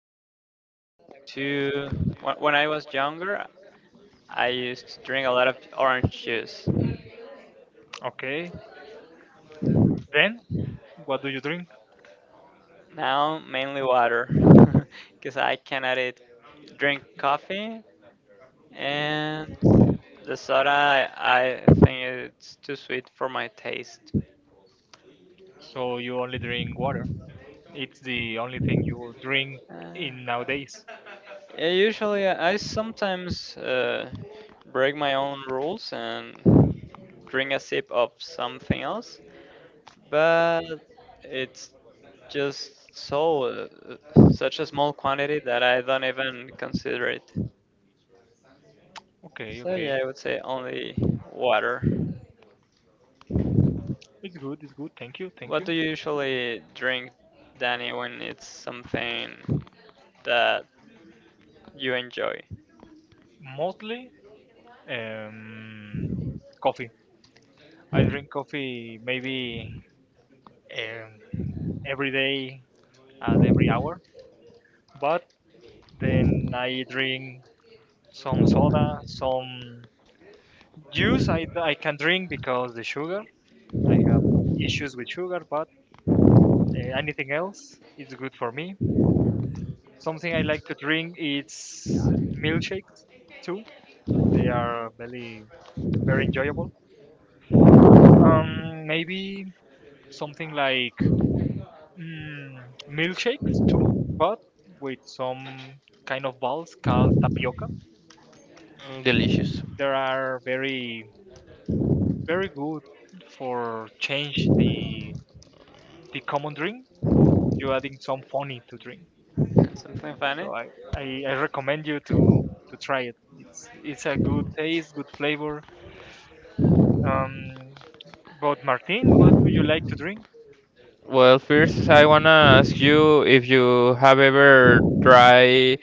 say I like to when I was younger I used to drink a lot of orange juice. Okay, then what do you drink? Now mainly water because I cannot eat drink coffee and the soda I think it's too sweet for my taste. So you only drink water. It's the only thing you drink Uh, in nowadays. yeah, usually I sometimes break my own rules and drink a sip of something else, but it's just so such a small quantity that I don't even consider it. Okay, So yeah, okay. I would say only water. It's good, it's good. Thank you, thank What you. do you usually drink, Danny, when it's something that you enjoy. Mostly um, coffee. I drink coffee maybe um, every day at every hour, but then I drink some soda, some Juice I can drink because the sugar. I have issues with sugar, but anything else is good for me. Something I like to drink is milkshakes too. They are very very enjoyable. Maybe something like milkshakes too, but with some kind of balls called tapioca. Mm. And Delicious. They are very very good for change the common drink. You're adding some funny to drink. something funny? So I recommend you to try it. It's a good taste, good flavor. Um, but Martin, what do you like to drink? Well, first, I wanna ask you if you have ever tried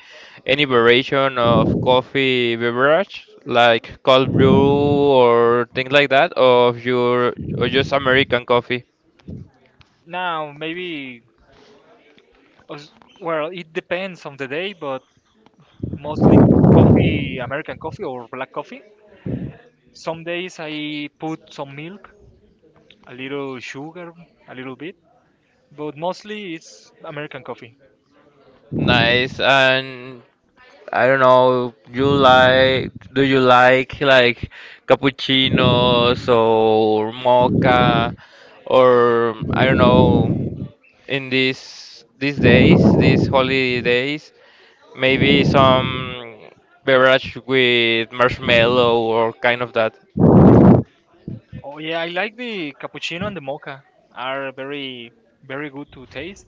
any variation of coffee beverage, like cold brew or things like that, or if you or just American coffee. Now maybe os- well it depends on the day, but mostly coffee, American coffee or black coffee. Some days I put some milk, a little sugar, a little bit, but mostly it's American coffee. Nice. And I don't know, you like, do you like cappuccinos or mocha? Or I don't know, in these days, these holiday days, maybe some beverage with marshmallow or kind of that. Oh yeah, I like the cappuccino and the mocha are very very good to taste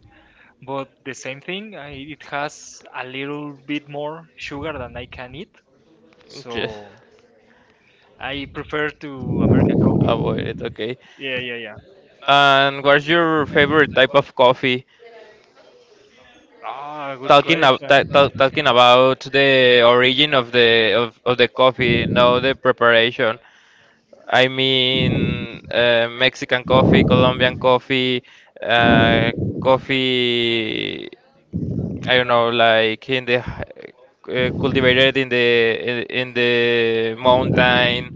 but the same thing, I, it has a little bit more sugar than I can eat, Just so I prefer to American coffee. avoid it, okay. Yeah, yeah, yeah. And what's your favorite type of coffee? Ah, good Talking question. Talking about the origin of the of the coffee, now the preparation. I mean, Mexican coffee, Colombian coffee, uh, coffee. I don't know, like in the cultivated in the in the mountain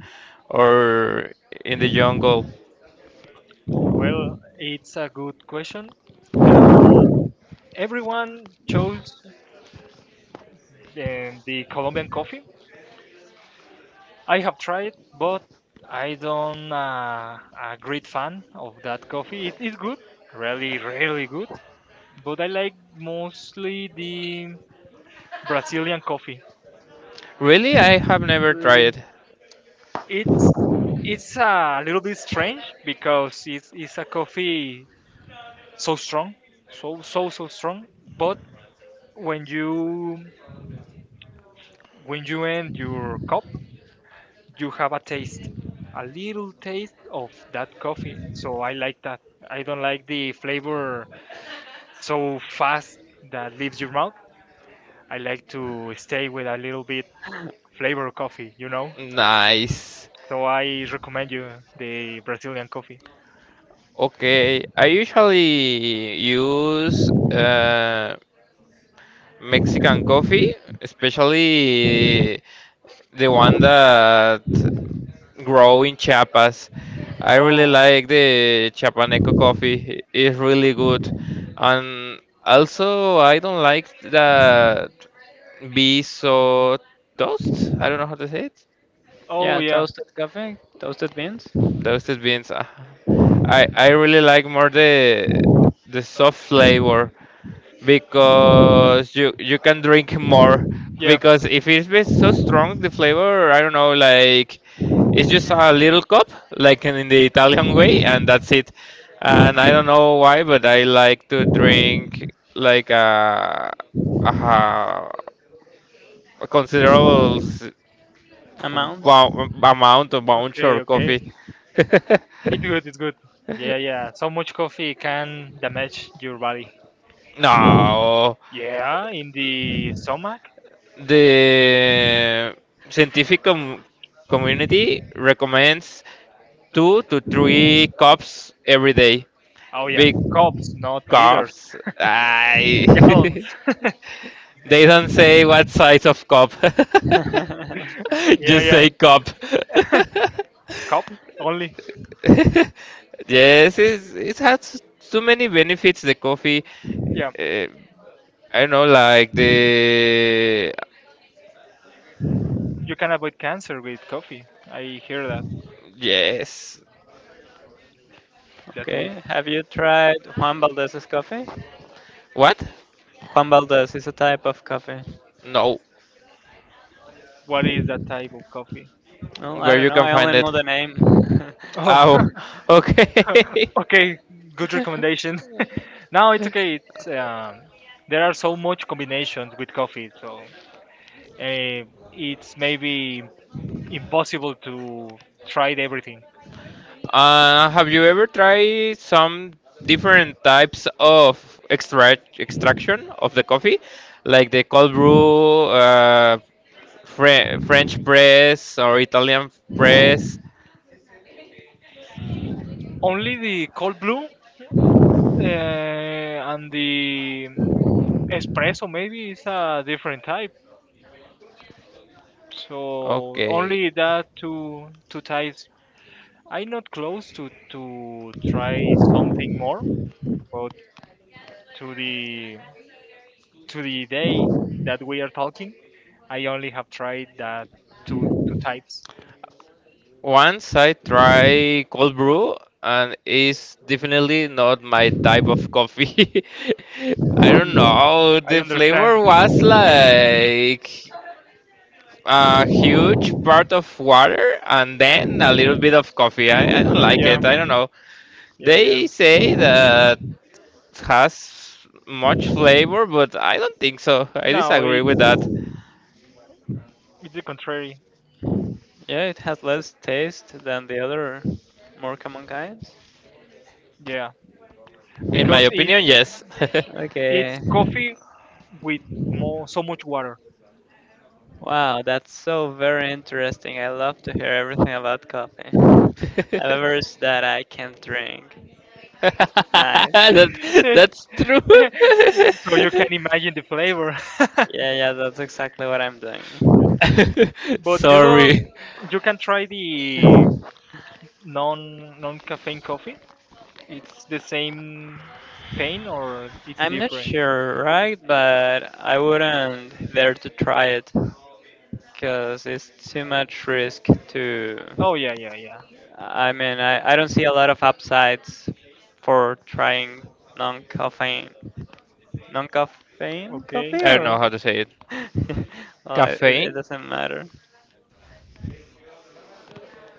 or in the jungle. Well, it's a good question. Um, Everyone chose the Colombian coffee. I have tried, but I don't a great fan of that coffee. It is good, really, really good, but I like mostly the Brazilian coffee. Really, I have never tried Really? it. It's it's a little bit strange because it's a coffee so strong so so so strong but when you when you end your cup you have a taste a little taste of that coffee so I like that. I don't like the flavor so fast that leaves your mouth. I like to stay with a little bit flavor coffee, you know. Nice. So I recommend you the Brazilian coffee. Okay, I usually use Mexican coffee, especially the one that grow in Chiapas. I really Oh. like the Chiapaneco coffee. It's really good. And also, I don't like that be so toast. I don't know how to say it. Oh Yeah, yeah. toasted coffee, toasted beans, Toasted beans, ah. I really like more the soft flavor, because you can drink more, Yeah. because if it's been so strong the flavor, I don't know, like it's just a little cup like in the Italian way, and that's it. And I don't know why, but I like to drink like a, a considerable amounts. Amount of bunch Okay, or okay. coffee. It's good, it's good. Yeah, yeah. So much coffee can damage your body. No, Yeah, in the stomach. the scientific community recommends two to three cups every day. Oh yeah, Big cups, not liters. cups? I Gallons. they don't say what size of cup. Yeah, Just yeah. say cup. Cup only. Yes, it's, it has too many benefits, the coffee. Yeah, Uh, I don't know, like the you can avoid cancer with coffee. I hear that. yes. That's Okay, good. have you tried Juan Valdez's coffee? What? Juan Valdez is a type of coffee. No, What is that type of coffee? Well, I where don't you know, can I find only it. know the name. Oh, Oh, okay. okay. Good recommendation. No, it's okay. It's there are so much combinations with coffee, so uh, it's maybe impossible to try everything. Have you ever tried some different types of extraction of the coffee, like the cold brew, French press, or Italian press? Only the cold brew and the espresso maybe is a different type. So only Okay. that two types. I'm not close to try something more, but to the to the day that we are talking, I only have tried that two types. Once I try cold brew, and it's definitely not my type of coffee. I don't know. I The understand. flavor was like a huge part of water and then a little bit of coffee. I don't like Yeah, it. I don't know. yeah, yeah. They say that has much flavor, but I don't think so. I No, disagree it with that. it's the contrary. Yeah, it has less taste than the other more common kinds. Yeah, In my because it opinion, yes. it's Okay, coffee with more so much water. wow, that's so very interesting. I love to hear everything about coffee. A beverage that I can't drink. Nice. that, that's true. So you can imagine the flavor. Yeah, yeah, that's exactly what I'm doing. But you don't. Sorry. You can try the non non caffeine coffee. It's the same pain or it's I'm not different. sure, right? But I wouldn't dare to try it because it's too much risk to. Oh yeah yeah yeah. I mean, I don't see a lot of upsides for trying non-caffeine, non-caffeine Okay. coffee I don't know or. how to say it. Well, it Caffeine? doesn't matter.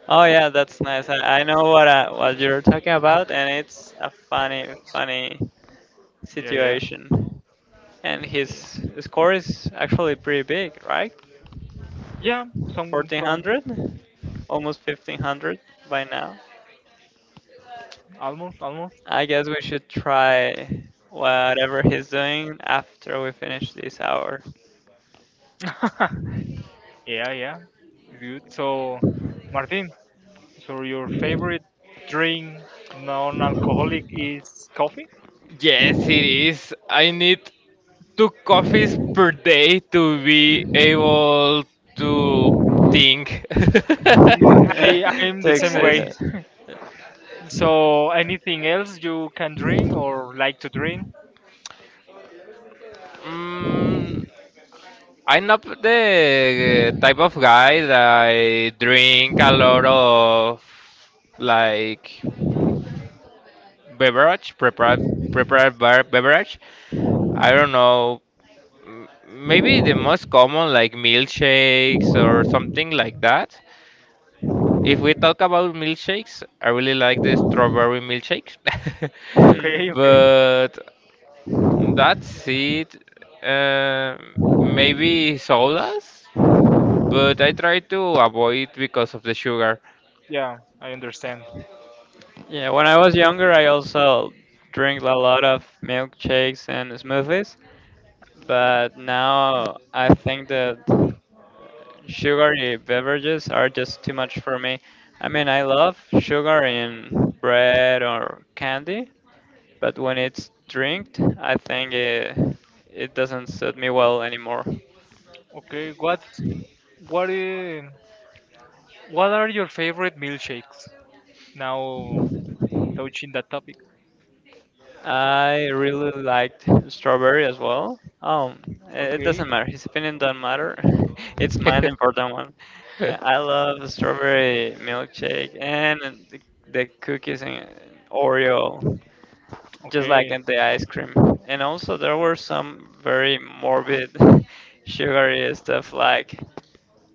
Oh yeah, that's nice. I know what you're talking about, and it's a funny Yeah yeah situation. And yeah. Yeah. his score is actually pretty big, right? Yeah, some some 1400, almost 1500 by now. almost almost. I guess we should try whatever he's doing after we finish this hour Yeah yeah. Good. So Martin, so your favorite drink non alcoholic is coffee? Yes, it is. I need two coffees per day to be able to think. I I'm to the same way. exist. So, anything else you can drink or like to drink? Mm, I'm not the type of guy that I drink a lot of like beverage prepared beverage, I don't know, maybe the most common, like milkshakes or something like that. If we talk about milkshakes, I really like the strawberry milkshakes. Okay, okay. Hmm. But that's it. uh, Maybe sodas, but I try to avoid because of the sugar. Yeah, I understand. Yeah, when I was younger, I also drank a lot of milkshakes and smoothies. But now I think that sugary beverages are just too much for me. I mean, I love sugar in bread or candy, but when it's drinked, I think it doesn't suit me well anymore. Okay, what's what is, what are your favorite milkshakes? Now touching that topic. I really liked strawberry as well. It doesn't Okay, matter. His opinion doesn't matter. It's mine the important one. I love strawberry milkshake and the, the cookies and Oreo. Just like okay. in the ice cream. And also there were some very morbid sugary stuff like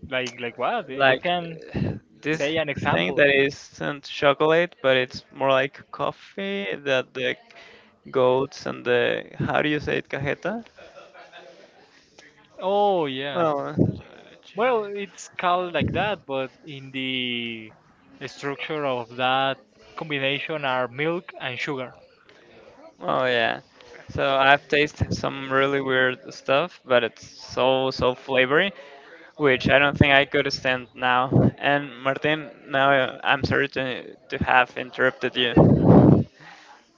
Like what? Eh, you like can uh, this say an thing example. that isn't chocolate but it's more like coffee that the goats and the how do you say it cajeta? Oh yeah. Well, Well, it's called like that, but in the structure of that combination are milk and sugar. well yeah. So I've tasted some really weird stuff, but it's so so flavory. Which I don't think I could stand now. And Martin, now I'm sorry to have interrupted you.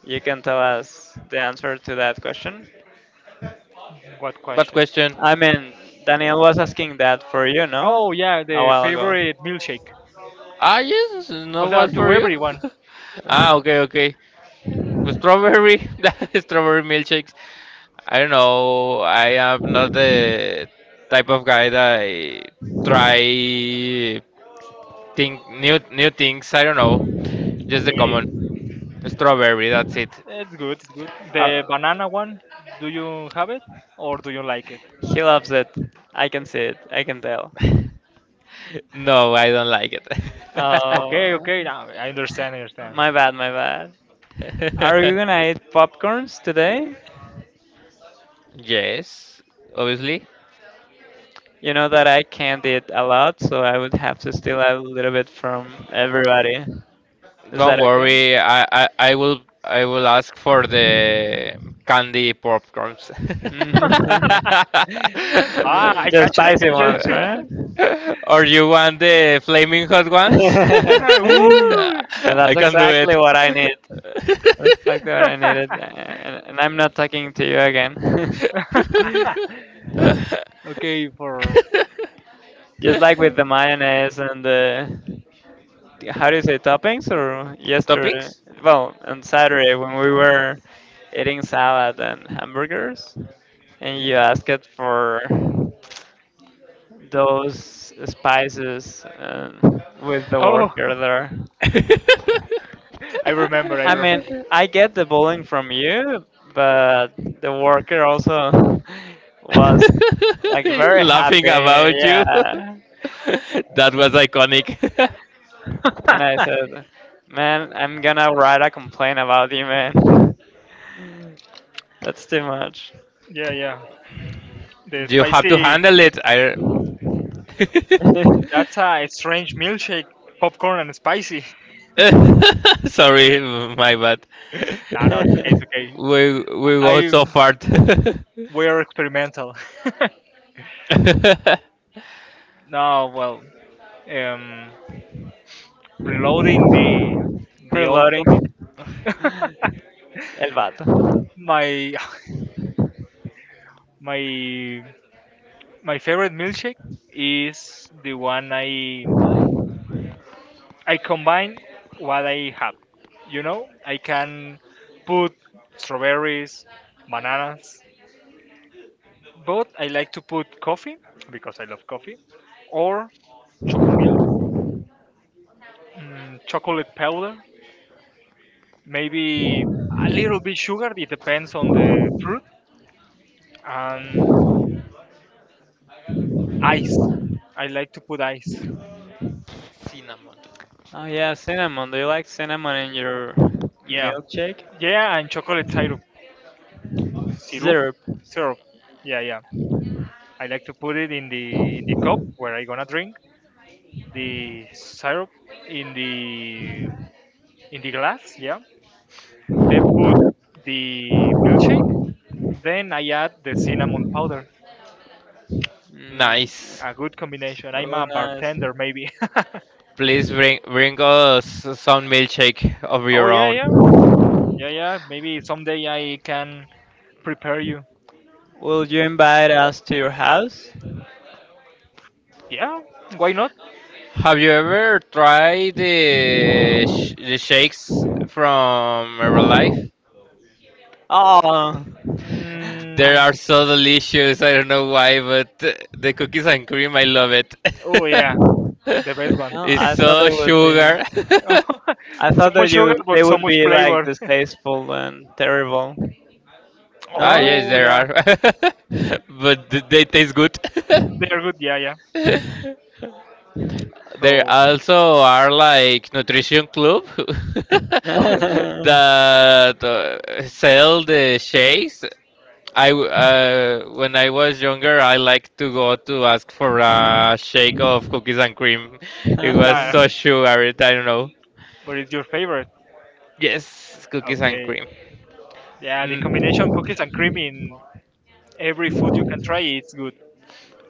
You can tell us the answer to that question. What What question? question? I mean, Daniel was asking that for you, no? Oh yeah, A the while ago. favorite milkshake. Ah, yes, O no sea, one to for you. everyone. Uh, Ah, okay, okay. Strawberry, strawberry milkshakes. I don't know. I am not the type of guy that I try think new things. I don't know. Just the Okay. common strawberry. That's it. It's good, it's good. uh, The banana one, do you have it or do you like it? he loves it. I can see it. I can tell. No, I don't like it. Okay, Oh, okay, now I understand, I understand. my bad, my bad. Are you gonna eat popcorns today? Yes, obviously. You know that I can't eat a lot, so I would have to steal a little bit from everybody. Is Don't that worry. I will ask for the candy popcorns. okay? Ah, I Just catch it, I spicy catch ones, it. right? Or you want the flaming hot ones? And Woo! that's I can do exactly it. what I need. That's exactly what I needed. And I'm not talking to you again. Okay, for Just like with the mayonnaise and the how do you say toppings or yesterday? Toppings? Well, on Saturday when we were eating salad and hamburgers, and you asked for those spices with the oh, worker there. I I, remember, I I mean, remember. I get the bullying from you, but the worker also was like very happy. Laughing about you. Yeah. That was iconic. And I said, man, I'm gonna write a complaint about you, man. That's too much. Yeah, yeah. The You have to spicy. handle it. I That's a strange milkshake, popcorn and spicy. sorry, my bad. No, no, it's okay, it's okay. We go so I far. Cinnamon. we're experimental. No, well, um, reloading the old Reloading. topic El vato. my my my favorite milkshake is the one I combine what I have, you know. I can put strawberries, bananas, but I like to put coffee because I love coffee. Or choco milk, chocolate powder, maybe a little bit sugar, it depends on the fruit. And ice, I like to put ice. Oh yeah, cinnamon. Do you like cinnamon in your Yeah. milkshake? Yeah, and chocolate syrup. Syrup? Syrup. Syrup. Yeah, yeah. I like to put it in the cup where I gonna drink the syrup in the in the glass, yeah. Then put the milkshake. Then I add the cinnamon powder. Mm, Nice. A good combination. I'm really a nice. bartender maybe. Please bring us some milkshake of Oh your yeah, own. yeah. Yeah, yeah. Maybe someday I can prepare you. Will you invite us to your house? Yeah, why not? Have you ever tried the sh the shakes from Herbalife? Oh, They Mm, are so delicious. I don't know why, but the cookies and cream, I love it. oh yeah, the best one. well, It's I thought so they would be. sugar. I So thought much that sugar you they but so would much be like flavor. distasteful and terrible. Ah, No? yes, Oh there yeah, are. But they taste good. they're good. Yeah, yeah. There So, also are like nutrition club oh, that sell the shakes. When I was younger, I liked to go to ask for a shake of cookies and cream. It was yeah. so sugary, I don't know. What is your favorite? Yes, cookies and Okay. cream. Yeah, the Mm. combination cookies and cream in every food you can try, it's good.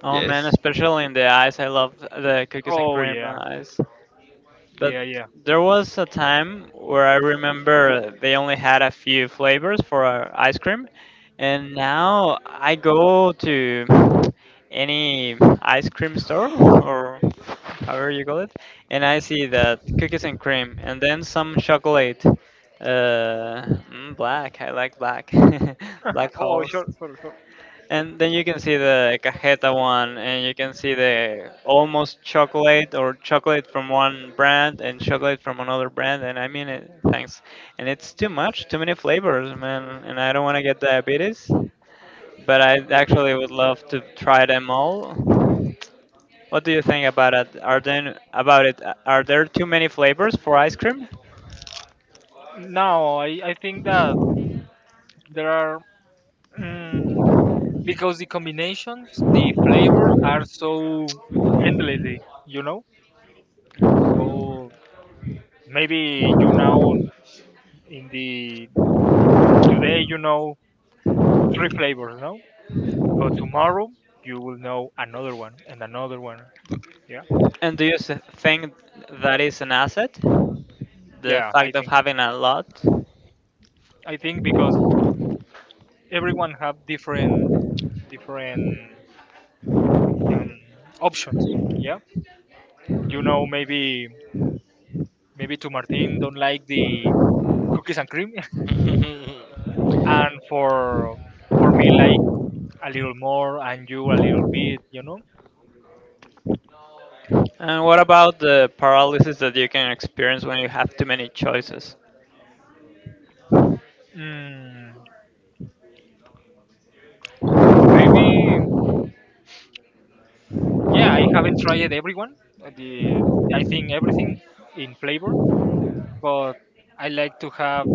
Oh man, Yes. especially in the ice. I love the cookies and Oh cream yeah, ice. But yeah, yeah. there was a time where I remember they only had a few flavors for ice cream, and now I go to any ice cream store or however you call it, and I see that cookies and cream, and then some chocolate. Black. I like black. Black Oh holes. sure, sure, sure. And then you can see the cajeta one, and you can see the almost chocolate or chocolate from one brand and chocolate from another brand. And I mean it, thanks. And it's too much, too many flavors, man. And I don't want to get diabetes, but I Okay, okay. actually would love to try them all. What do you think about it? Are there too many flavors for ice cream? Now I think that there are mm, because the combinations, the flavors are so endlessly, you know. So maybe you now in the today you know three flavors, no? But tomorrow you will know another one and another one. Yeah. And do you think that is an asset? The Yeah, I fact of think. having a lot? I think because everyone have different different um, options. Yeah, you know, maybe maybe to Martin don't like the cookies and cream and for me like a little more and you a little bit, you know. And what about the paralysis that you can experience when you have too many choices? Mm, maybe. Yeah, I haven't tried everyone. The I think everything in flavor, but I like to have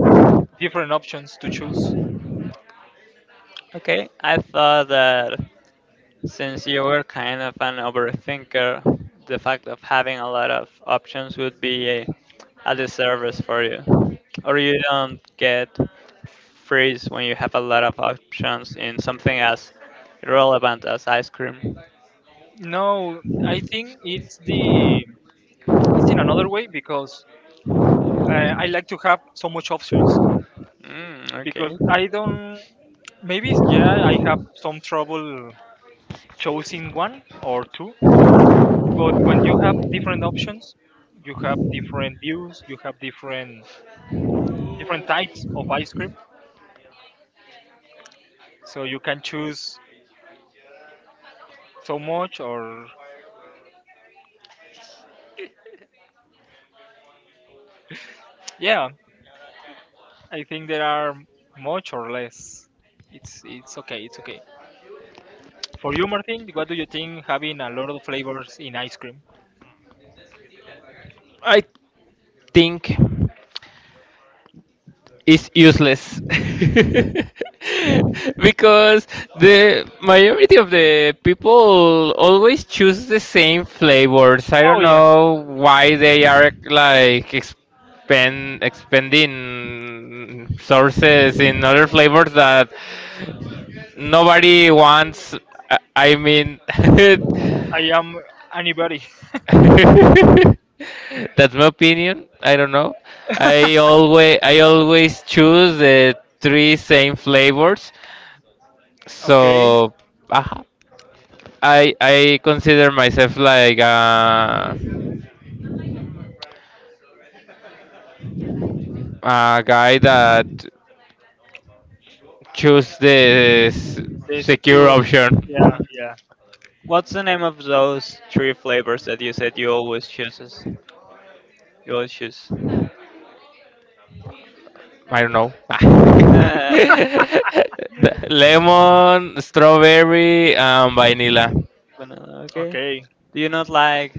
different options to choose. Okay, I thought that since you were kind of an overthinker, the fact of having a lot of options would be a disservice for you. Or you don't get freeze when you have a lot of options in something as irrelevant as ice cream. No, I think it's the it's in another way because I like to have so much options Mm, because okay. I don't maybe yeah I have some trouble choosing one or two, but when you have different options, you have different views, you have different different types of ice cream, so you can choose so much or yeah, I think there are much or less. It's okay, it's okay. For you, Martin, what do you think having a lot of flavors in ice cream? I think it's useless because the majority of the people always choose the same flavors. I Oh don't yeah, know why they are like expend expanding sources in other flavors that nobody wants. I mean, I am anybody. that's my opinion. I don't know. I always choose the three same flavors. Okay, So, aha. I consider myself like a guy that choose the the secure secure. option. Yeah, Mhm. yeah. What's the name of those three flavors that you said you always chooses? You always choose. I don't know. Uh, The lemon, strawberry, and vanilla. Banana, okay. Okay, Do you not like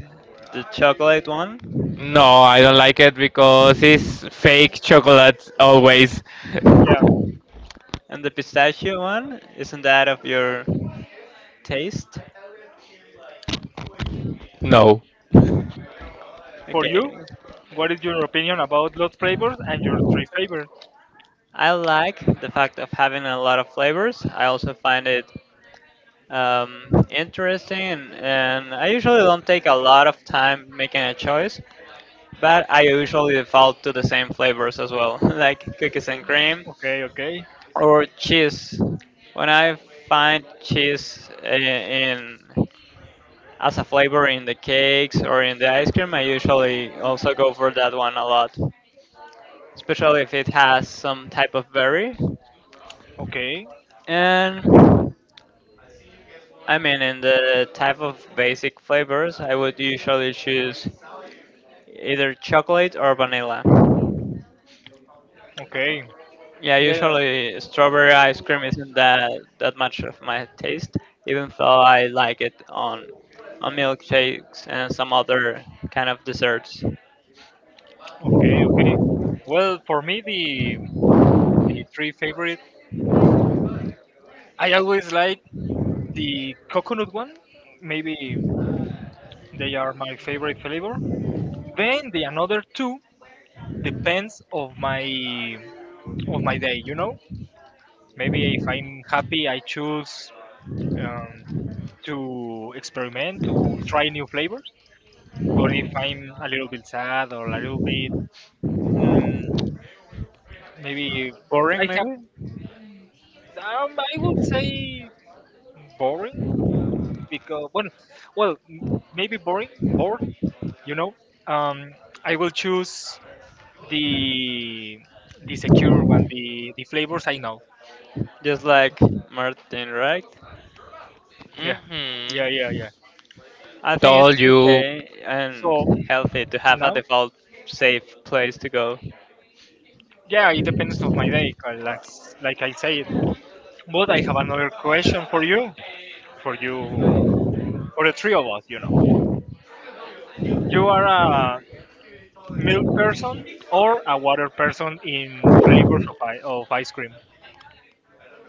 the chocolate one No, I don't like it because it's fake chocolate always. yeah. and the pistachio one? Isn't that of your taste? No. For you, Okay. what is your opinion about lot flavors and your three favorites? I like the fact of having a lot of flavors. I also find it interesting, and I usually don't take a lot of time making a choice, but I usually default to the same flavors as well, like cookies and cream Okay, okay, or cheese. When I find cheese I- in as a flavor in the cakes or in the ice cream, I usually also go for that one a lot, especially if it has some type of berry. okay, And I mean, in the type of basic flavors, I would usually choose either chocolate or vanilla. okay. Yeah, There. usually strawberry ice cream isn't that much of my taste, even though I like it on milkshakes and some other kind of desserts. Okay, okay. Well, for me, the three favorite. I always like the coconut one. Maybe they are my favorite flavor. Then the another two depends of my day, you know. Maybe if I'm happy I choose um, to experiment, to try new flavors. But if I'm a little bit sad or a little bit mm, maybe Boring, I have maybe. I would say boring because well, well m- maybe boring, bored, you know. um, I will choose the the secure one, the flavors I know. Just Yeah. like Martin, right? Yeah yeah yeah. Hmm. Yeah. I think Told it's you, okay So and healthy to have a now, default safe place to go. yeah, it depends of my day, 'cause that's, like I say it. But I have another question for you, for you, for the three of us. You know, you are a milk person or a water person in flavors of of ice cream.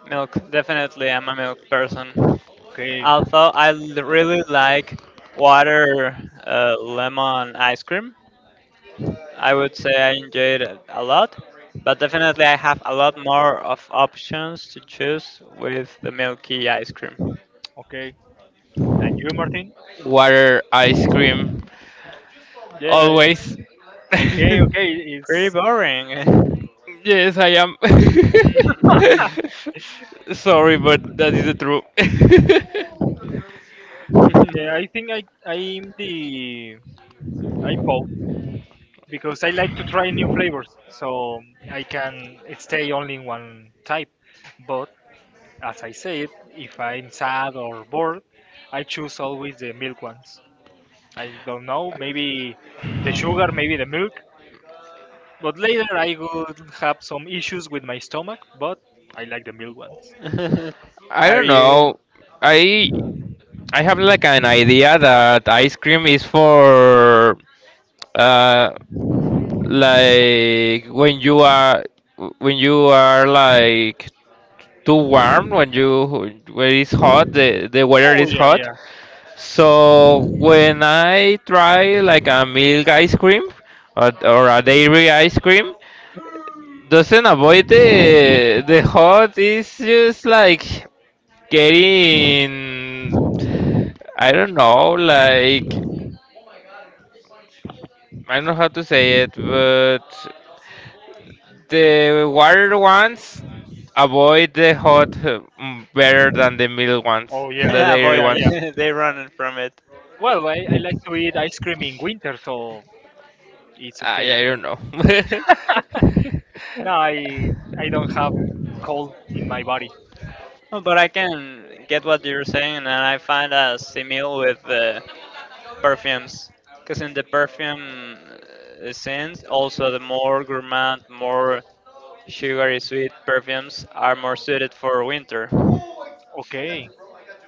Milk, definitely, I'm a milk person. Okay, Although I really like water lemon ice cream, I would say I enjoy it a lot. But definitely, I have a lot more of options to choose with the milky ice cream. okay. And you, Martin? water ice cream Yeah, yeah. always. Okay, okay. Pretty It's boring. Yes, I am. Mm. Sorry, but that is the truth. yeah. I think I'm the I'm both because I like to try new flavors, so I can stay only in one type. But as I said, if I'm sad or bored, I choose always the milk ones. I don't know, maybe the sugar, maybe the milk. But later I would have some issues with my stomach, but I like the milk ones. I Are don't you? know. I I have like an idea that ice cream is for uh like when you are, when you are like too warm, when it's hot, the weather Oh is yeah, hot. yeah. So when I try like a milk ice cream, or a dairy ice cream, doesn't avoid the hot, it's just like getting, I don't know, like, I don't know how to say it, but the water ones avoid the hot better than the middle ones, Oh yeah, the dairy Avoid yeah, yeah. ones. they running from it. Well, I like to eat ice cream in winter, so it's okay. I don't know. No, I don't have cold in my body. Oh, but I can get what you're saying and I find a simil with the perfumes because in the perfume scenes also the more gourmand more sugary sweet perfumes are more suited for winter Okay,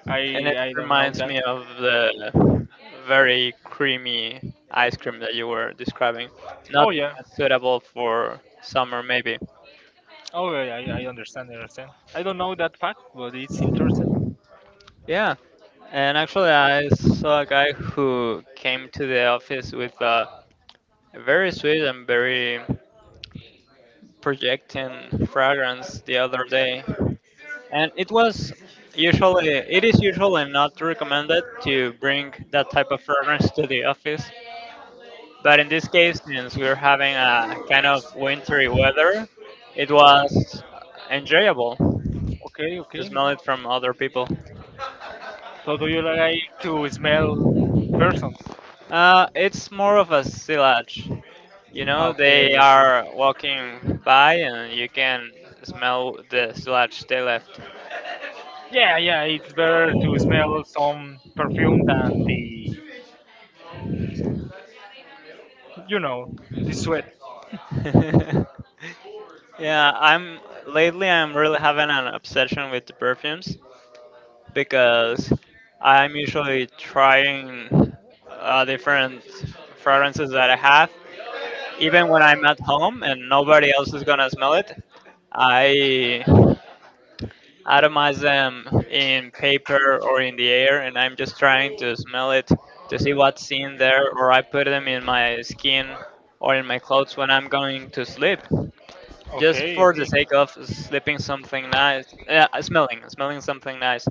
I and it I don't know reminds that. me of the very creamy ice cream that you were describing Oh not being yeah. as suitable for summer maybe. Oh yeah, I understand, I understand. I don't know that fact, but it's interesting. Yeah, and actually, I saw a guy who came to the office with a very sweet and very projecting fragrance the other day, and it is usually not recommended to bring that type of fragrance to the office, but in this case, since we're having a kind of wintry weather, it was enjoyable to Okay, okay. smell it from other people. So do you like to smell person? It's more of a silage. You know, they Okay, okay. are walking by and you can smell the sludge they left. Yeah, yeah, it's better to smell some perfume than the, you know, the sweat. Yeah, I'm lately I'm really having an obsession with the perfumes because I'm usually trying different fragrances that I have even when I'm at home and nobody else is gonna smell it. I atomize them in paper or in the air, and I'm just trying to smell it to see what's in there, or I put them in my skin or in my clothes when I'm going to sleep, just Okay, for the okay. sake of sleeping something nice, smelling something nice.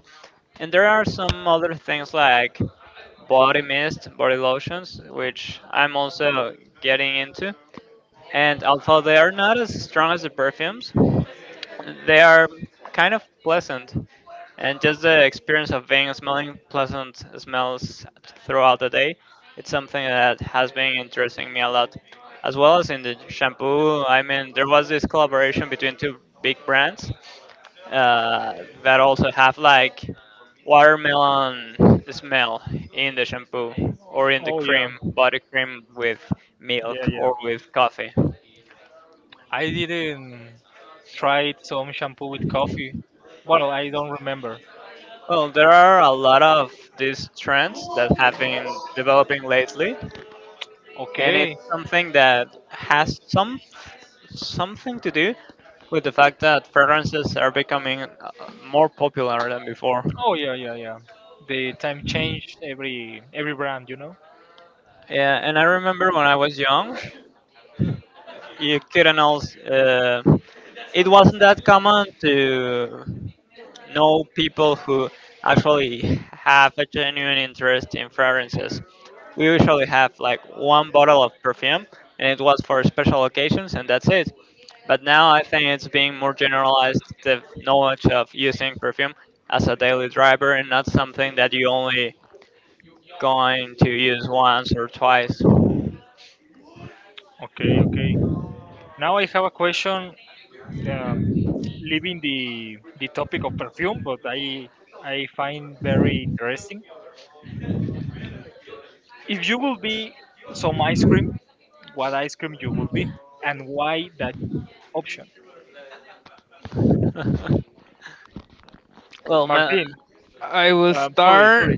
And there are some other things like body mist, body lotions, which I'm also getting into. And although they are not as strong as the perfumes, they are kind of pleasant. And just the experience of being smelling pleasant smells throughout the day, it's something that has been interesting me a lot. As well as in the shampoo, I mean, there was this collaboration between two big brands uh, that also have like watermelon smell in the shampoo or in the Oh yeah, cream, body cream with yeah, milk yeah. or with coffee. I didn't try some shampoo with coffee. Well, I don't remember. Well, there are a lot of these trends that have been developing lately and it's Okay. something that has something to do with the fact that fragrances are becoming more popular than before. Oh yeah, yeah, yeah. The time changed every brand, you know. Yeah, and I remember when I was young, you couldn't also. It wasn't that common to know people who actually have a genuine interest in fragrances. We usually have like one bottle of perfume, and it was for special occasions, and that's it. But now I think it's being more generalized the knowledge of using perfume as a daily driver and not something that you only going to use once or twice. Okay, okay. Now I have a question um, leaving the topic of perfume, but I find very interesting. If you will be some ice cream, what ice cream you will be, and why that option? well, ma- Martin, I will sorry, start sorry.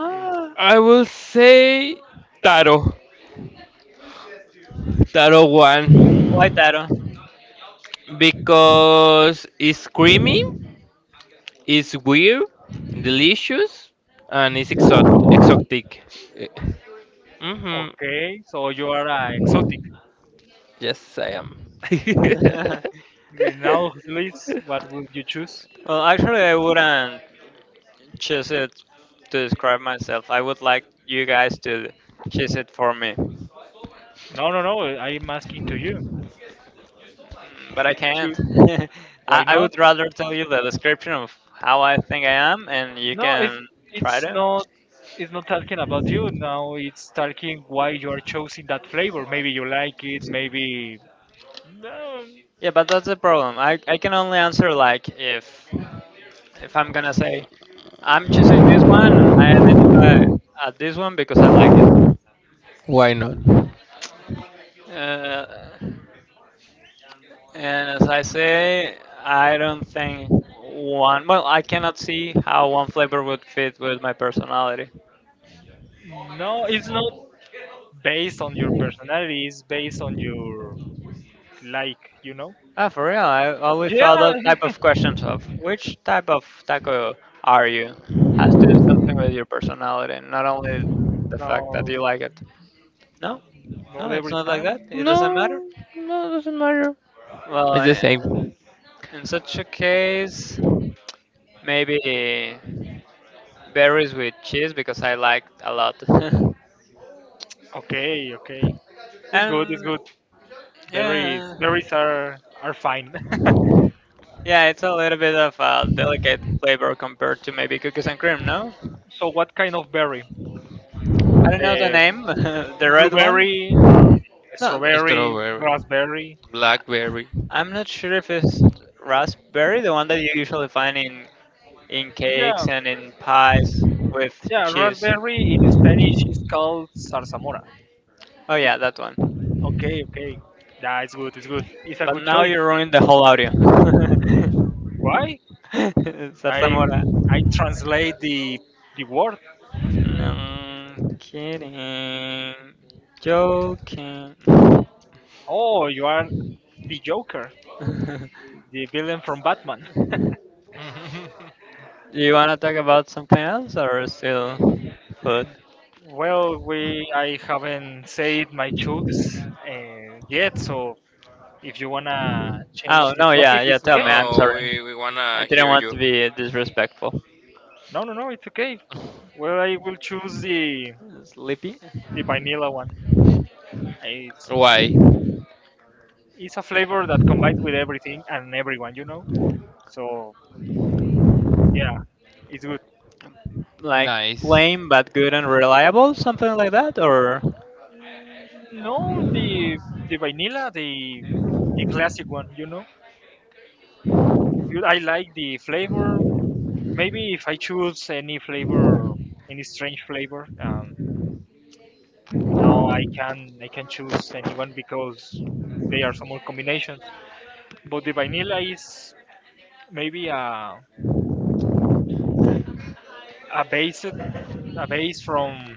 ah, I will say Taro. Taro 1. why that? Because it's creamy, it's weird, delicious, and it's exotic. Eh, Mm-hmm. Okay, so you are exotic. Yes, I am. Okay, now, please, what will you choose? Well, actually, I wouldn't choose it to describe myself. I would like you guys to choose it for me. No, no, no. I'm asking to you. But I Choose. can't. Why I not? would rather tell you the description of how I think I am, and you No, can try it's to. not it's not talking about you now. It's talking why you are choosing that flavor. Maybe you like it. Maybe no, Yeah, but that's the problem. I can only answer like if I'm gonna say I'm choosing this one and I identify at this one because I like Why not? it. And as I say, I don't think one. Well, I cannot see how one flavor would fit with my personality. no. It's not based on your personality. It's based on your like. You know. Ah, for real? I always thought that Yeah. type of questions of which type of taco are you has to do something with your personality, not only the fact that No, you like it. No, not no, it's every not like that. time. It doesn't No, matter. no, doesn't matter. Well, It's the eh, same. in such a case, maybe berries with cheese because I like a lot. Okay, okay. It's good. And It's good. Berries, yeah. berries are fine. Yeah, it's a little bit of a delicate flavor compared to maybe cookies and cream, no? So, what kind of berry? I don't know the The name, the red one. blueberry, No, strawberry, Strawberry, raspberry. blackberry. I'm not sure if it's raspberry, the one that you usually find in Yeah. cakes and in pies with Yeah, cheese. raspberry in Spanish is called zarzamora. Oh yeah, that one. Okay, okay. Nah, it's good. It's good. It's a But good now choice. you ruined the whole audio. Why? I'm Zarzamora. I translate the word. No, kidding. Joking. Oh, you are the Joker, Do the villain from Batman. you want to talk about something else or still food? Well, we I haven't said my choice yet, so if you wanna change Oh, the no, topic, yeah, yeah, it's tell me. okay. I'm No, sorry. we I wanna didn't hear want to you. be disrespectful. No, no, no, it's okay. Well, I will choose the Sleepy? the vanilla one. I, Why? It's a flavor that combines with everything and everyone. So yeah, it's good. Like Nice. plain but good and reliable? Something like that? Or Mm, no, the vanilla, the classic one, you know. I like the flavor. Maybe if I choose any flavor, any strange flavor, now I can choose anyone because they are some more combinations. But the vanilla is maybe a base a base from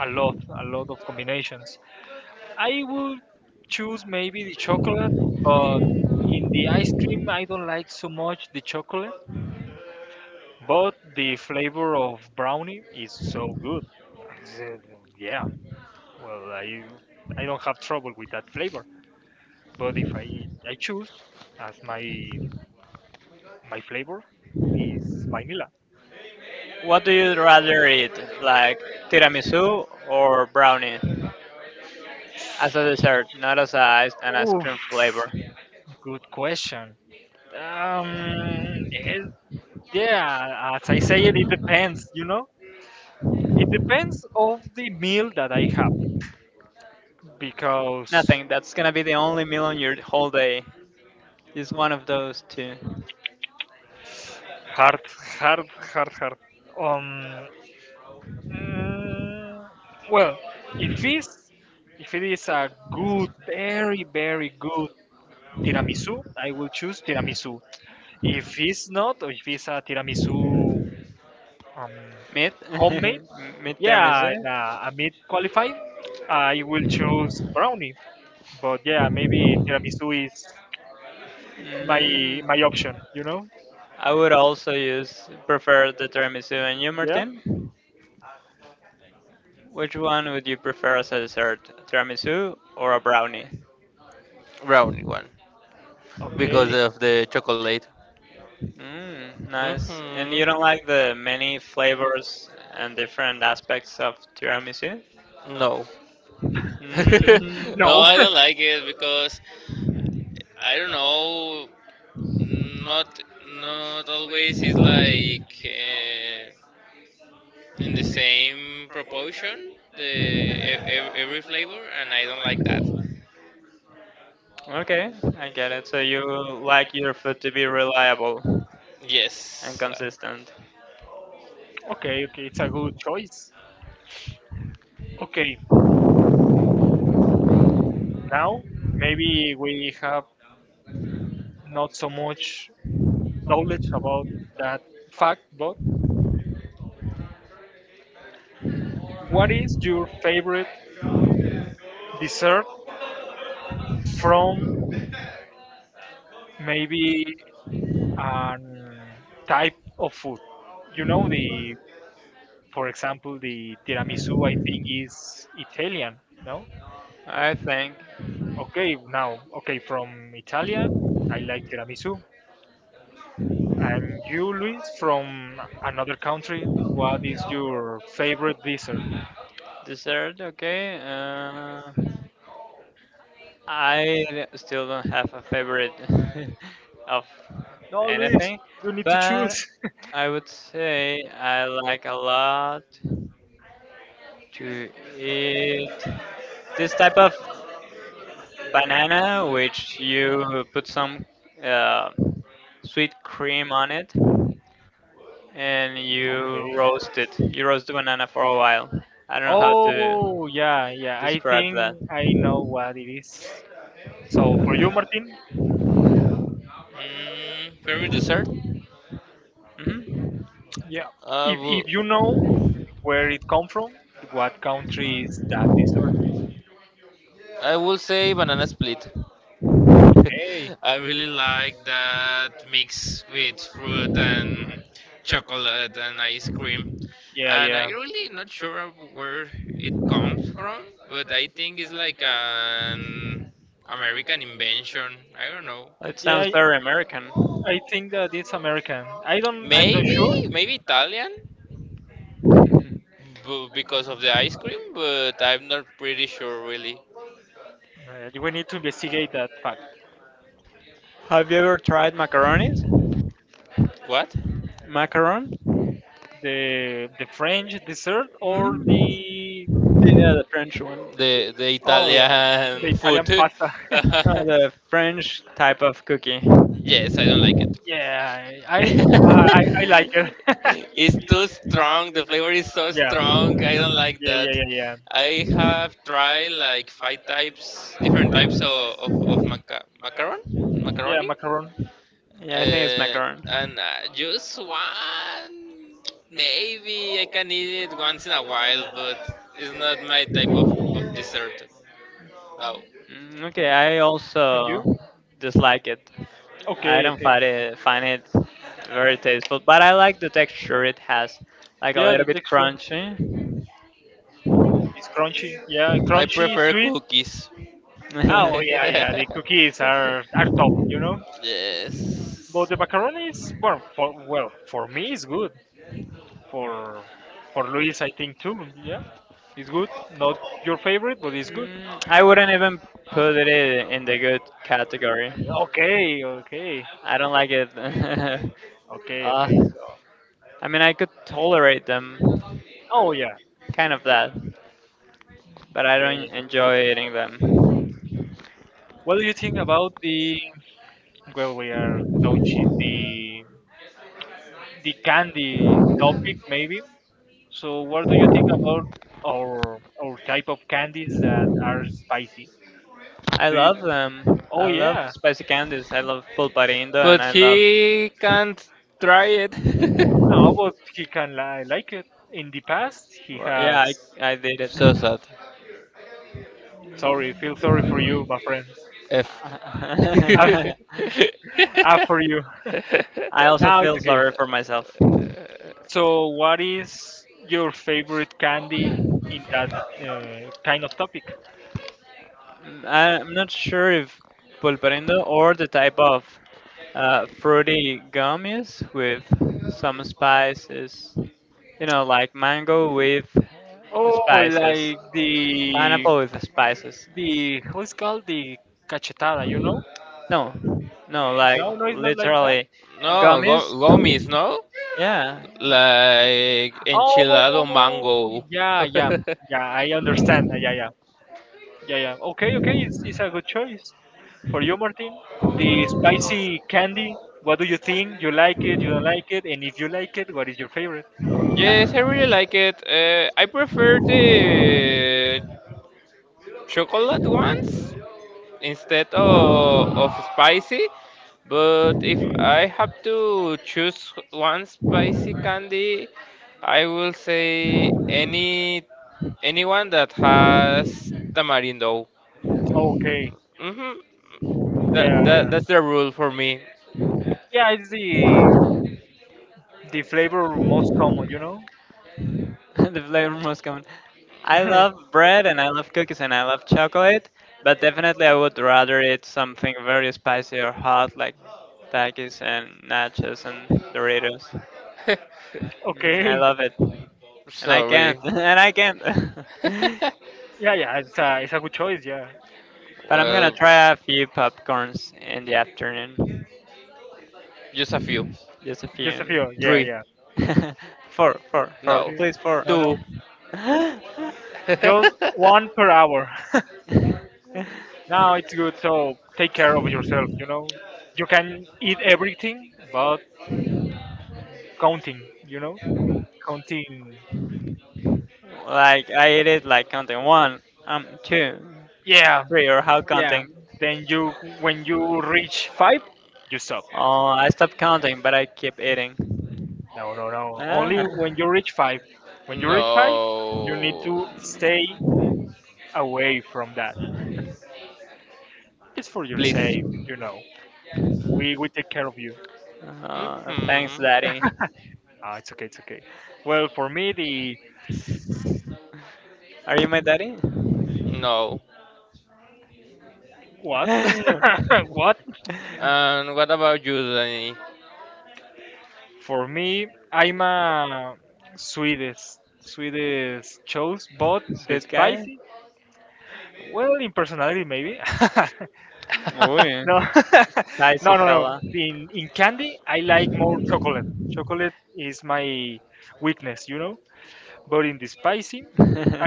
a lot of combinations. I would choose maybe the chocolate, but in the ice cream, I don't like so much the chocolate, but the flavor of brownie is so good. It's, Uh, Yeah, well, I don't have trouble with that flavor, but if I choose as my flavor is vanilla. what do you rather eat? Like tiramisu or brownie? As a dessert, not as a ice an ice Oh, cream flavor. good question. Um, eh, yeah, as I say it, it depends. It depends of the meal that I have. Because Nothing. That's gonna be the only meal on your whole day. Just one of those two. hard, hard, hard, hard. Um, mm, well, if it's if it is a good, very, very good tiramisu, I will choose tiramisu. If it's not, or if it's a tiramisu um, Meat? homemade, Meat yeah, tiramisu? and, a meat qualified, I will choose brownie. But yeah, maybe tiramisu is my Mm, my option. You know? I would also use prefer the tiramisu. And you, Yeah. Martin? Which one would you prefer as a dessert, tiramisu or a brownie? Brownie one. Because Okay. of the chocolate. Mm, nice. And Hmm. you don't like the many flavors and different aspects of tiramisu? No. Mm, No, No. I don't like it because I don't know. Not not always is like in the same proportion, the every flavor, and I don't like that. okay, I get it. So you like your food to be reliable and Yes. consistent. Okay, okay, it's a good choice. Okay, now maybe we have not so much knowledge about that fact, but what is your favorite dessert from maybe a type of food? You know, the for example, the tiramisu, I think, is Italian, no? I think Okay, now, okay, from Italia, I like tiramisu. And you, Luis, from another country, what is your favorite dessert? dessert. Okay. I still don't have a favorite of No, Luis, anything, you need to but choose. I would say I like a lot to eat this type of banana, which you put some uh, sweet cream on it and you Okay. roast it. You roast the banana for a while. I don't know how to Oh, yeah, yeah. I describe think that. I know what it is. So for you, Martin, Mm, favorite dessert? Hmm. yeah. I If will, if you know where it come from, what country is that dessert? I will say banana split. Okay. I really like that mix with fruit and chocolate and ice cream. Yeah, And I yeah, really not sure of where it comes from, but I think it's like an American invention. I don't know. It yeah. sounds I very American. I think that it's American. I don't. I'm not sure. Maybe, maybe Italian, because of the ice cream, but I'm not pretty sure really. We need to investigate that fact. Have you ever tried macaronis? What? Macaron? The French dessert or Hmm. the Yeah, the French one. The oh yeah, the Italian Italian food. pasta. No, the French type of cookie. Yes, I don't like it. Yeah, I like it. It's too strong. The flavor is so Yeah, strong. I don't like yeah, that. yeah, yeah, yeah. I have tried like five types, different types of macaron, Yeah, macaroni, macaron. Yeah, I think it's uh, macaron. and just one. Maybe I can eat it once in a while, but it's not my type of dessert. No. Mm, okay, I And you? also dislike it. I Okay, don't okay. find it very tasteful, but I like the texture it has, like a Yeah, the little bit texture crunchy. is crunchy. Yeah, I crunchy, prefer sweet. cookies. Oh yeah, yeah. The cookies are top. You know, Yes. but the macaroni is well for me it's good. For for Luis, I think too. Yeah, it's good. Not your favorite, but it's good. Mm, I wouldn't even put it in the good category. Okay, okay, I don't like it. okay, uh, okay. So, I mean, I could tolerate them, oh yeah, kind of that. But I yeah, don't yeah. enjoy eating them. What do you think about the well, we are touching the candy topic maybe? So, what do you think about our type of candies that are spicy? I Do you? love them. I Oh love yeah, spicy candies. I love pulparindo, and But I love. he can't try it. no, but he can like it. In the past, he Well, has. yeah, I did it. So sad. Sorry, feel sorry for you, my friend. F. Ah, ah, for you. I also Now it's feel okay. sorry for myself. So, what is your favorite candy Uh, in that kind of topic? Mm, I'm not sure if pulparindo or the type of fruity gum is with some spices. You know, like mango with Oh, spices, like the pineapple with spices. the how is called the cachetada, you know? No, no, like No, no, it's not like that. literally no, go gummies. gomis, no? Yeah, Like enchilado Oh, mango. yeah, yeah, yeah. I understand. Yeah, yeah, yeah, yeah. Okay, okay. It's a good choice for you, Martin. The spicy candy. What do you think? You like it? You don't like it? And if you like it, what is your favorite? Yes, I really like it. I prefer the chocolate ones instead of spicy. But if I have to choose one spicy candy, I will say anyone that has tamarindo. Okay. Hmm. That, Yeah, that yeah. that's the rule for me. Yeah, it's the flavor most common, you know? the flavor must come. I love bread and I love cookies and I love chocolate, but definitely I would rather eat something very spicy or hot like Takis and nachos and Doritos. Mm, I Okay. love it, and I can't, Sorry. and I can't. Yeah, yeah, it's a good choice, yeah. But I'm gonna Well, try a few popcorns in the afternoon, just a few. just a Just few. a few, yeah, Three. yeah. Four, four, four, No. Three, please four. no, no, Two. Like just one per hour. Now it's good, so take care of yourself, you know? You can eat everything, but counting, you know? Counting, I did it like counting one, two, yeah, three, or how yeah. counting? Then you, when you reach five, you stop. Oh, I stopped counting, but I keep eating. No, no, no, only Ah, when you reach five. When you reach five, you need No. to stay away from that. It's for your Please. sake. We take care of you. oh, thanks, Hmm. daddy. Ah, it's okay, it's okay. Well, for me, the Are you my daddy? No. what? What? And what about you, Danny? For me, I'm a Swedish Swedish chose, but the Sweet guy. spicy. Well, in personality, maybe. No, Ooh, no, spicy no, no. fella. In candy, I like more chocolate. Chocolate is my weakness. But in the spicy,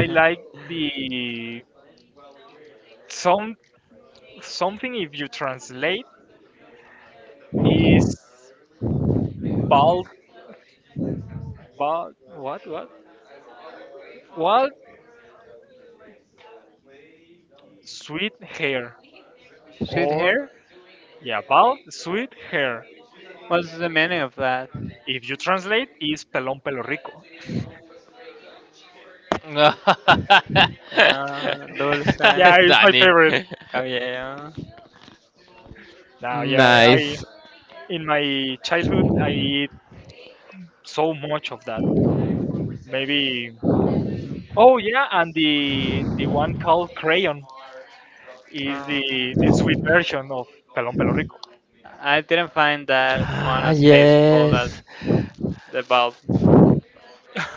I like the some something. If you translate is bald, bald, what? Bald, sweet hair. Sweet Or, hair. yeah, bald, sweet hair. What's the meaning of that? If you translate, is pelón pelo rico. Dulce, Yeah, it's my Danny. favorite. cabello. Now, yeah, Nice. in my childhood, I eat so much of that. Maybe, oh yeah, and the one called crayon is the, Mm, the sweet version of pelón pelo rico. I didn't find that one Ah, as tasteful as yes. the bald,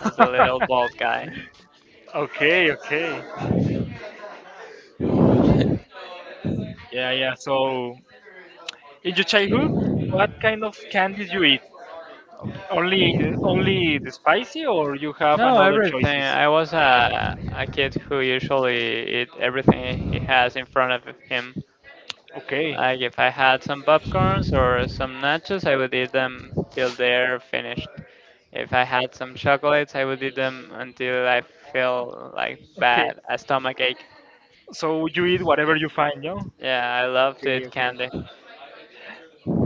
as the little bald guy. Okay, okay. Yeah, yeah. So, in your childhood, what kind of candies you eat? Of- Only only the spicy or you have No, another everything. choices? I was a kid who usually eat everything he has in front of him. Okay. Like if I had some popcorns or some nachos, I would eat them till they're finished. If I had some chocolates, I would eat them until I feel like Okay. bad, a stomach ache. So you eat whatever you find, no? Yeah, I love to Okay, eat okay. candy.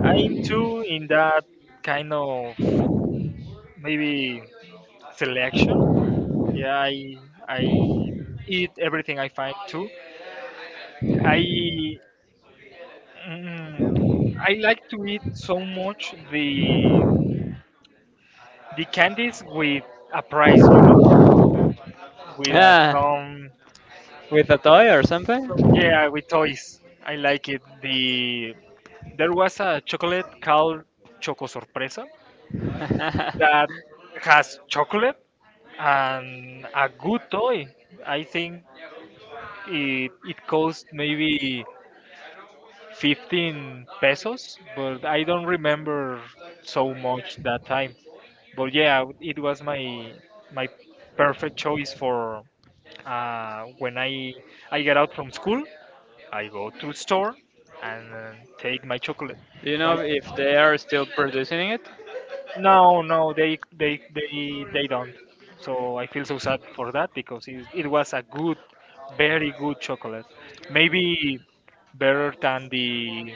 I'm too in that kind of maybe selection. Yeah, I eat everything I find too. I mm, I like to eat so much the candies with a price, with Yeah, with a toy or something. yeah with toys. I like it. There was a chocolate called Choco Sorpresa Do that has chocolate and a good toy. I think it cost maybe 15 pesos, but I don't remember so much that time. But yeah, it was my perfect choice for when I get out from school, I go to store and take my chocolate. you My know if they are still producing it? No, no, they don't. So I feel so sad for that because it was a good, very good chocolate. Maybe better than the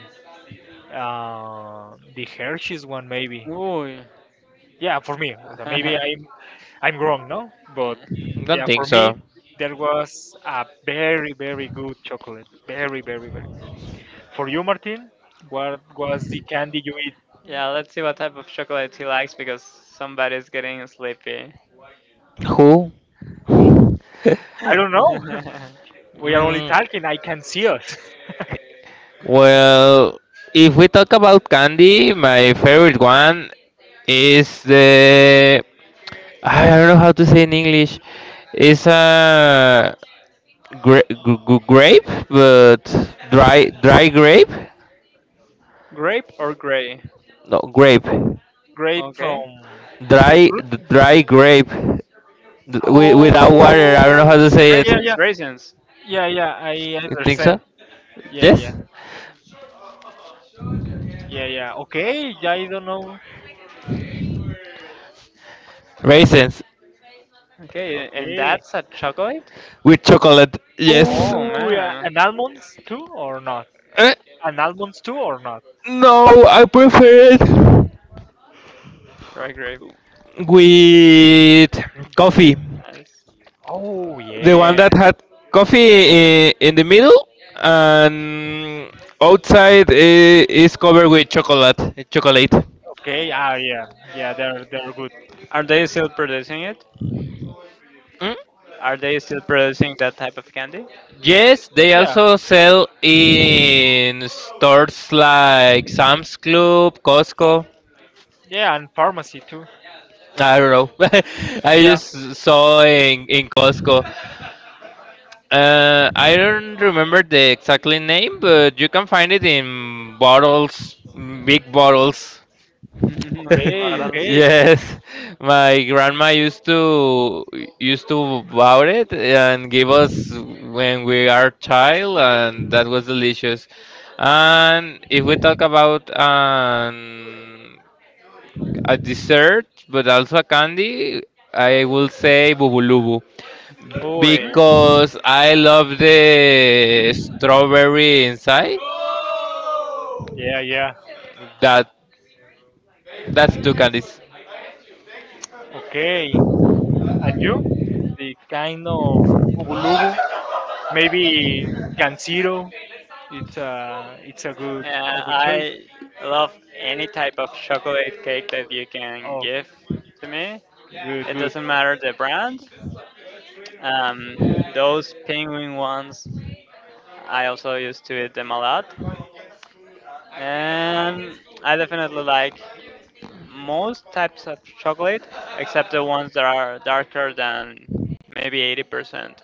uh, the Hershey's one, maybe. Ooh. Yeah, for me. Or maybe I'm wrong, no? But Don't yeah, for think me so. there was a very very good chocolate. Very very very. For you, Martin, what was the candy you eat? Yeah, let's see what type of chocolate he likes because somebody's getting sleepy. Who? Who? I don't know. We are only Mm, talking. I can see us. well, if we talk about candy, my favorite one is the, I don't know how to say in English. It's a gra g g grape, but dry grape? Grape or gray? No, grape. Grape from Okay. the fruit? Dry grape, without water. I don't know Oh, how to say it. yeah, Raisins, yeah, raisins. yeah, yeah. I You think understand. so? Yeah, Yes. yeah, yeah, yeah. Okay, yeah, I don't know. Raisins Okay, and Okay. that's a chocolate? with chocolate. Yes. Oh Oh, yeah. man, And almonds too, or not? Eh, And almonds too, or not? No, I prefer it dry grape. with coffee. Yes. Oh, The one yeah. that had coffee in the middle and outside is covered with chocolate. Chocolate. Okay. Ah, yeah, yeah. They're good. Are they still producing it? Mm? Are they still producing that type of candy? Yes, they Yeah, also sell in stores like Sam's Club, Costco. yeah. And pharmacy too. I don't know. I Yeah. just saw in Costco. I don't remember the exactly name, but you can find it in bottles, big bottles. Big Okay. balance. Okay. Yes, my grandma used to bow it and give us when we are child, and that was delicious. And if we talk about a dessert, but also a candy, I will say bubulubu Uy. because I love the strawberry inside. Yeah, yeah. That that's two candies. Okay. And you? The kind of bubulubu. Maybe Ganziro. It's a good a Yeah, good choice. I love any type of chocolate cake that you can Oh, give to me. good It good. doesn't matter the brand. Um, those penguin ones, I also used to eat them a lot. And I definitely like most types of chocolate, except the ones that are darker than maybe 80%.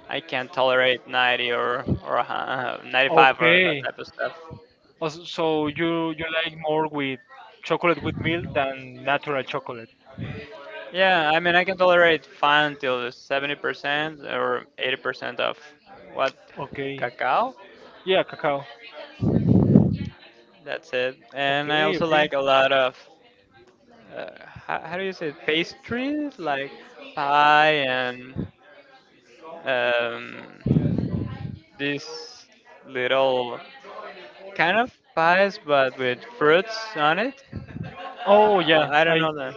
I can't tolerate 90 or or 95 or that Okay. type of stuff. Also, so you like more with chocolate with milk than natural chocolate. Yeah, I mean I can tolerate fine till 70% or 80% of what Okay. cacao. Yeah, cacao. That's it. And I Okay, also okay. like a lot of how do you say it? Pastries like pie and um, these little kind of pies but with fruits on it. Oh yeah, I don't I. know the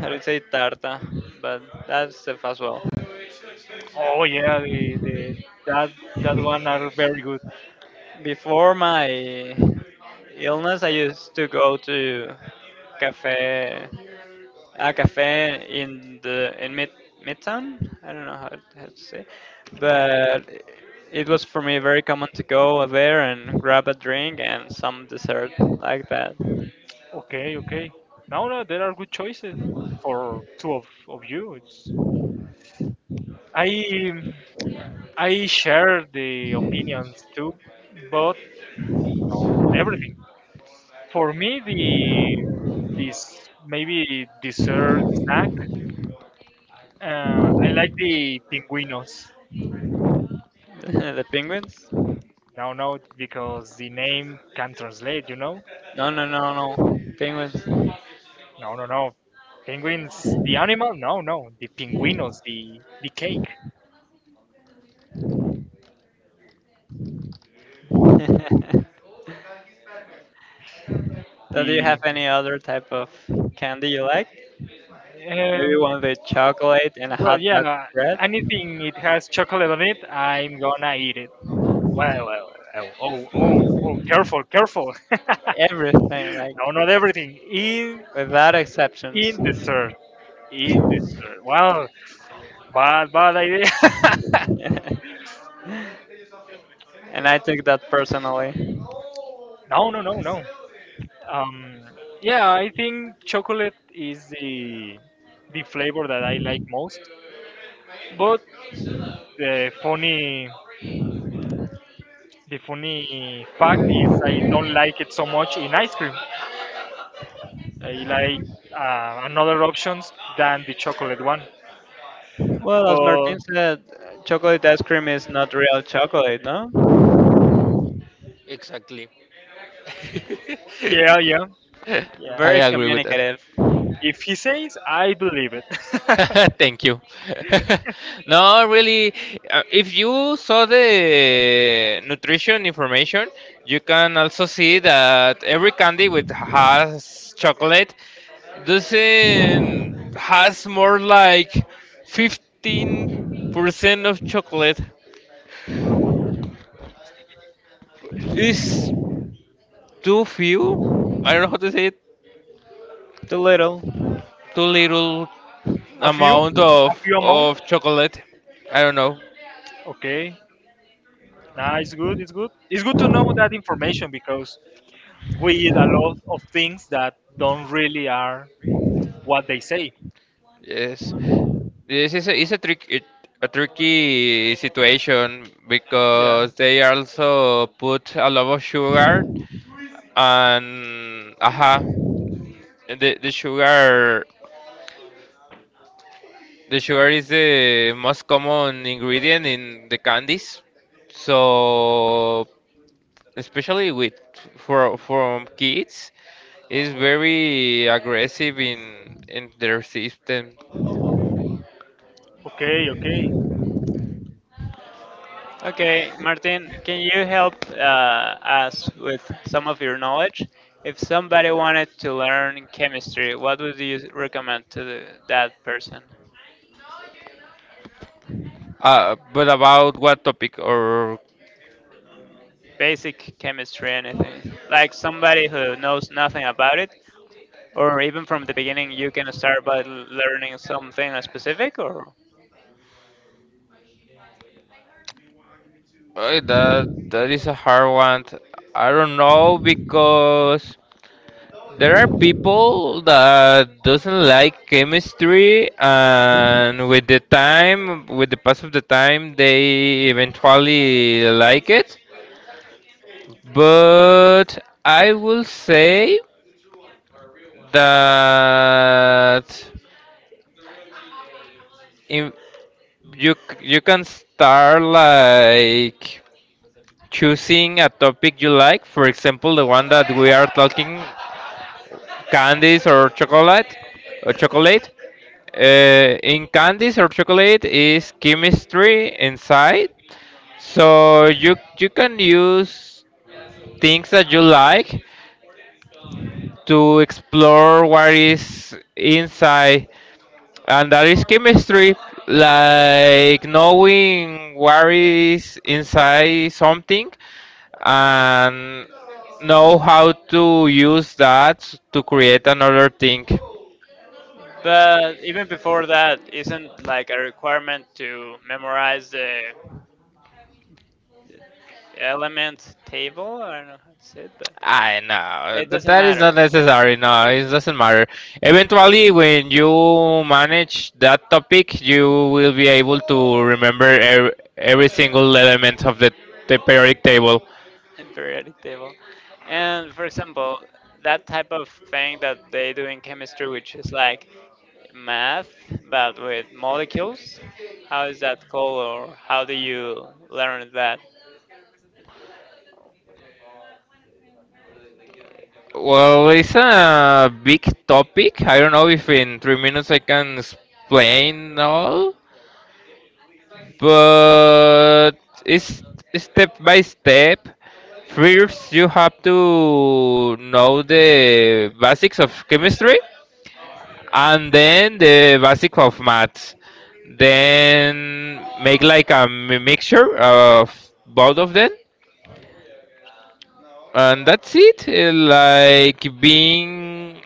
how do you say tarta, but that's stuff as well. Oh yeah, the that that one are very good. Before my illness, I used to go to cafe, a cafe in the in midtown. I don't know how to say, Uh, but it was for me very common to go there and grab a drink and some dessert like that. okay, okay. No, no, there are good choices for two of you. It's I. I share the opinions too, but not everything. For me, the this maybe dessert snack. I like the pinguinos. The penguins? No, no, because the name can translate. You know. No, no, no, no, No, no, no. Penguins, the animal? No, no. The pinguinos, the cake, penguins. So do you have the any other type of candy you like? Maybe um, one with chocolate and a well, hot dog yeah. bread? Anything it has chocolate on it, I'm gonna eat it. Well, well, well, oh, oh, oh, careful, careful. Everything, like No, not everything. In, without exceptions. in dessert, in dessert. Wow, bad, bad idea. And I took that personally. No, no, no, no. Um, yeah, I think chocolate is the flavor that I like most. But the funny the funny fact is I don't like it so much in ice cream. I like another options than the chocolate one. Well, as But Martin said, chocolate ice cream is not real chocolate, no? Exactly. yeah, yeah, yeah. I Very agree with that. communicative. If he says, I believe it. Thank you. No, really, if you saw the nutrition information, you can also see that every candy with has chocolate doesn't has more like 15% of chocolate. Is too few. I don't know how to say it. Too little. Too little a few, amount a few amount. of chocolate. I don't know. Okay, nah, it's good. It's good. It's good to know that information because we eat a lot of things that don't really are what they say. Yes, this is is a trick it, a tricky situation Yeah. because they also put a lot of sugar, and aha, the the sugar the sugar is the most common ingredient in the candies. So, especially with for from kids, is very aggressive in their system. Okay. Okay. Okay, Martin, can you help us with some of your knowledge? If somebody wanted to learn chemistry, what would you recommend to the, that person? But about what topic or Basic chemistry, anything. Like somebody who knows nothing about it, or even from the beginning, you can start by learning something specific, or. That is a hard one. I don't know because there are people that doesn't like chemistry, and with the time, with the pass of the time they eventually like it. But I will say that in, you you can start like choosing a topic you like. For example, the one that we are talking, candies or chocolate, or chocolate. In candies or chocolate is chemistry inside, so you can use things that you like to explore what is inside. And that is chemistry, like knowing what is inside something and know how to use that to create another thing. But even before that, isn't like a requirement to memorize the element table? I don't know how to say it. I know It that, doesn't that is not matter. necessary, no, it doesn't matter. Eventually when you manage that topic, you will be able to remember every single element of the periodic table. Periodic table. And for example, that type of thing that they do in chemistry, which is like math, but with molecules, how is that called, or how do you learn that? Well, it's a big topic. I don't know if in 3 minutes I can explain all, but it's step by step. First, you have to know the basics of chemistry and then the basic of maths. Then make like a mixture of both of them, and that's it. Like being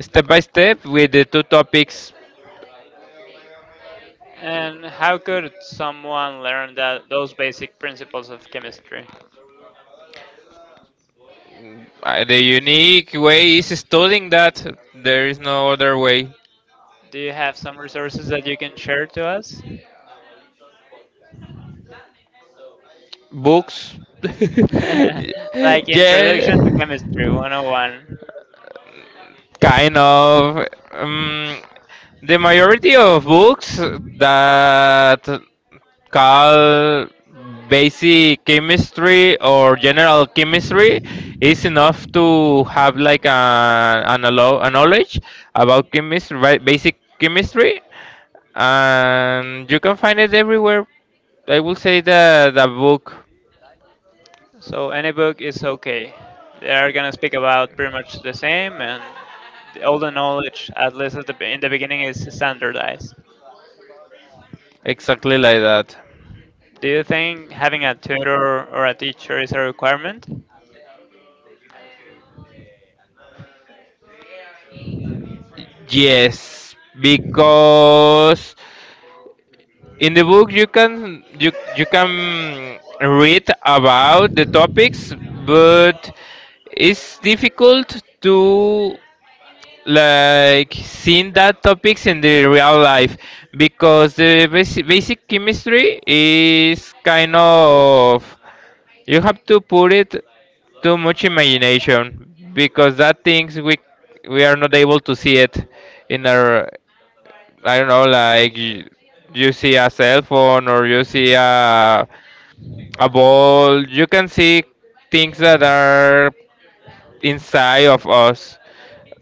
step by step with the two topics. And how could someone learn that those basic principles of chemistry? The unique way is studying that. There is no other way. Do you have some resources that you can share to us? Books. Like Introduction to Yeah, Chemistry 101. kind of. The majority of books that call basic chemistry or general chemistry is enough to have like a knowledge about chemistry, right, basic chemistry, and you can find it everywhere. I will say the book. So any book is okay. They are gonna speak about pretty much the same, and all the knowledge, at least at the, in the beginning, is standardized. Exactly like that. Do you think having a tutor or a teacher is a requirement? Yes, because in the book, you can you can read about the topics, but it's difficult to like seeing that topics in the real life because the basic chemistry is kind of, you have to put it too much imagination because that things we are not able to see it in our, I don't know, like you see a cell phone or you see a ball, you can see things that are inside of us.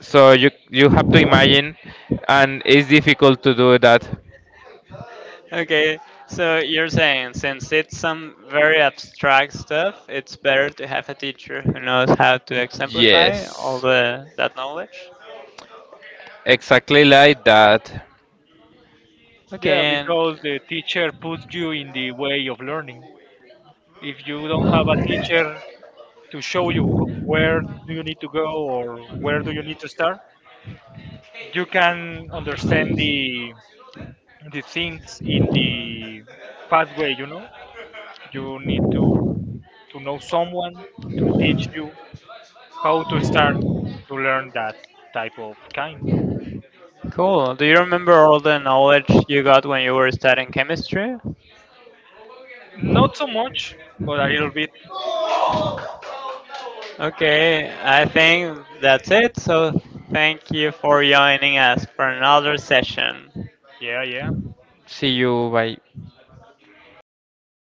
So you have to imagine, and it's difficult to do that. Okay, so you're saying since it's some very abstract stuff, it's better to have a teacher who knows how to exemplify all Yes, the that knowledge. exactly like that. Yeah, Okay, because the teacher puts you in the way of learning. If you don't have a and teacher to show you where do you need to go or where do you need to start, you can understand the things in the pathway you need to know someone to teach you how to start to learn that type of kind. cool. Do you remember all the knowledge you got when you were studying chemistry? Not so much but a little bit, Okay, I think that's it. So thank you for joining us for another session. yeah, yeah. See you. Bye.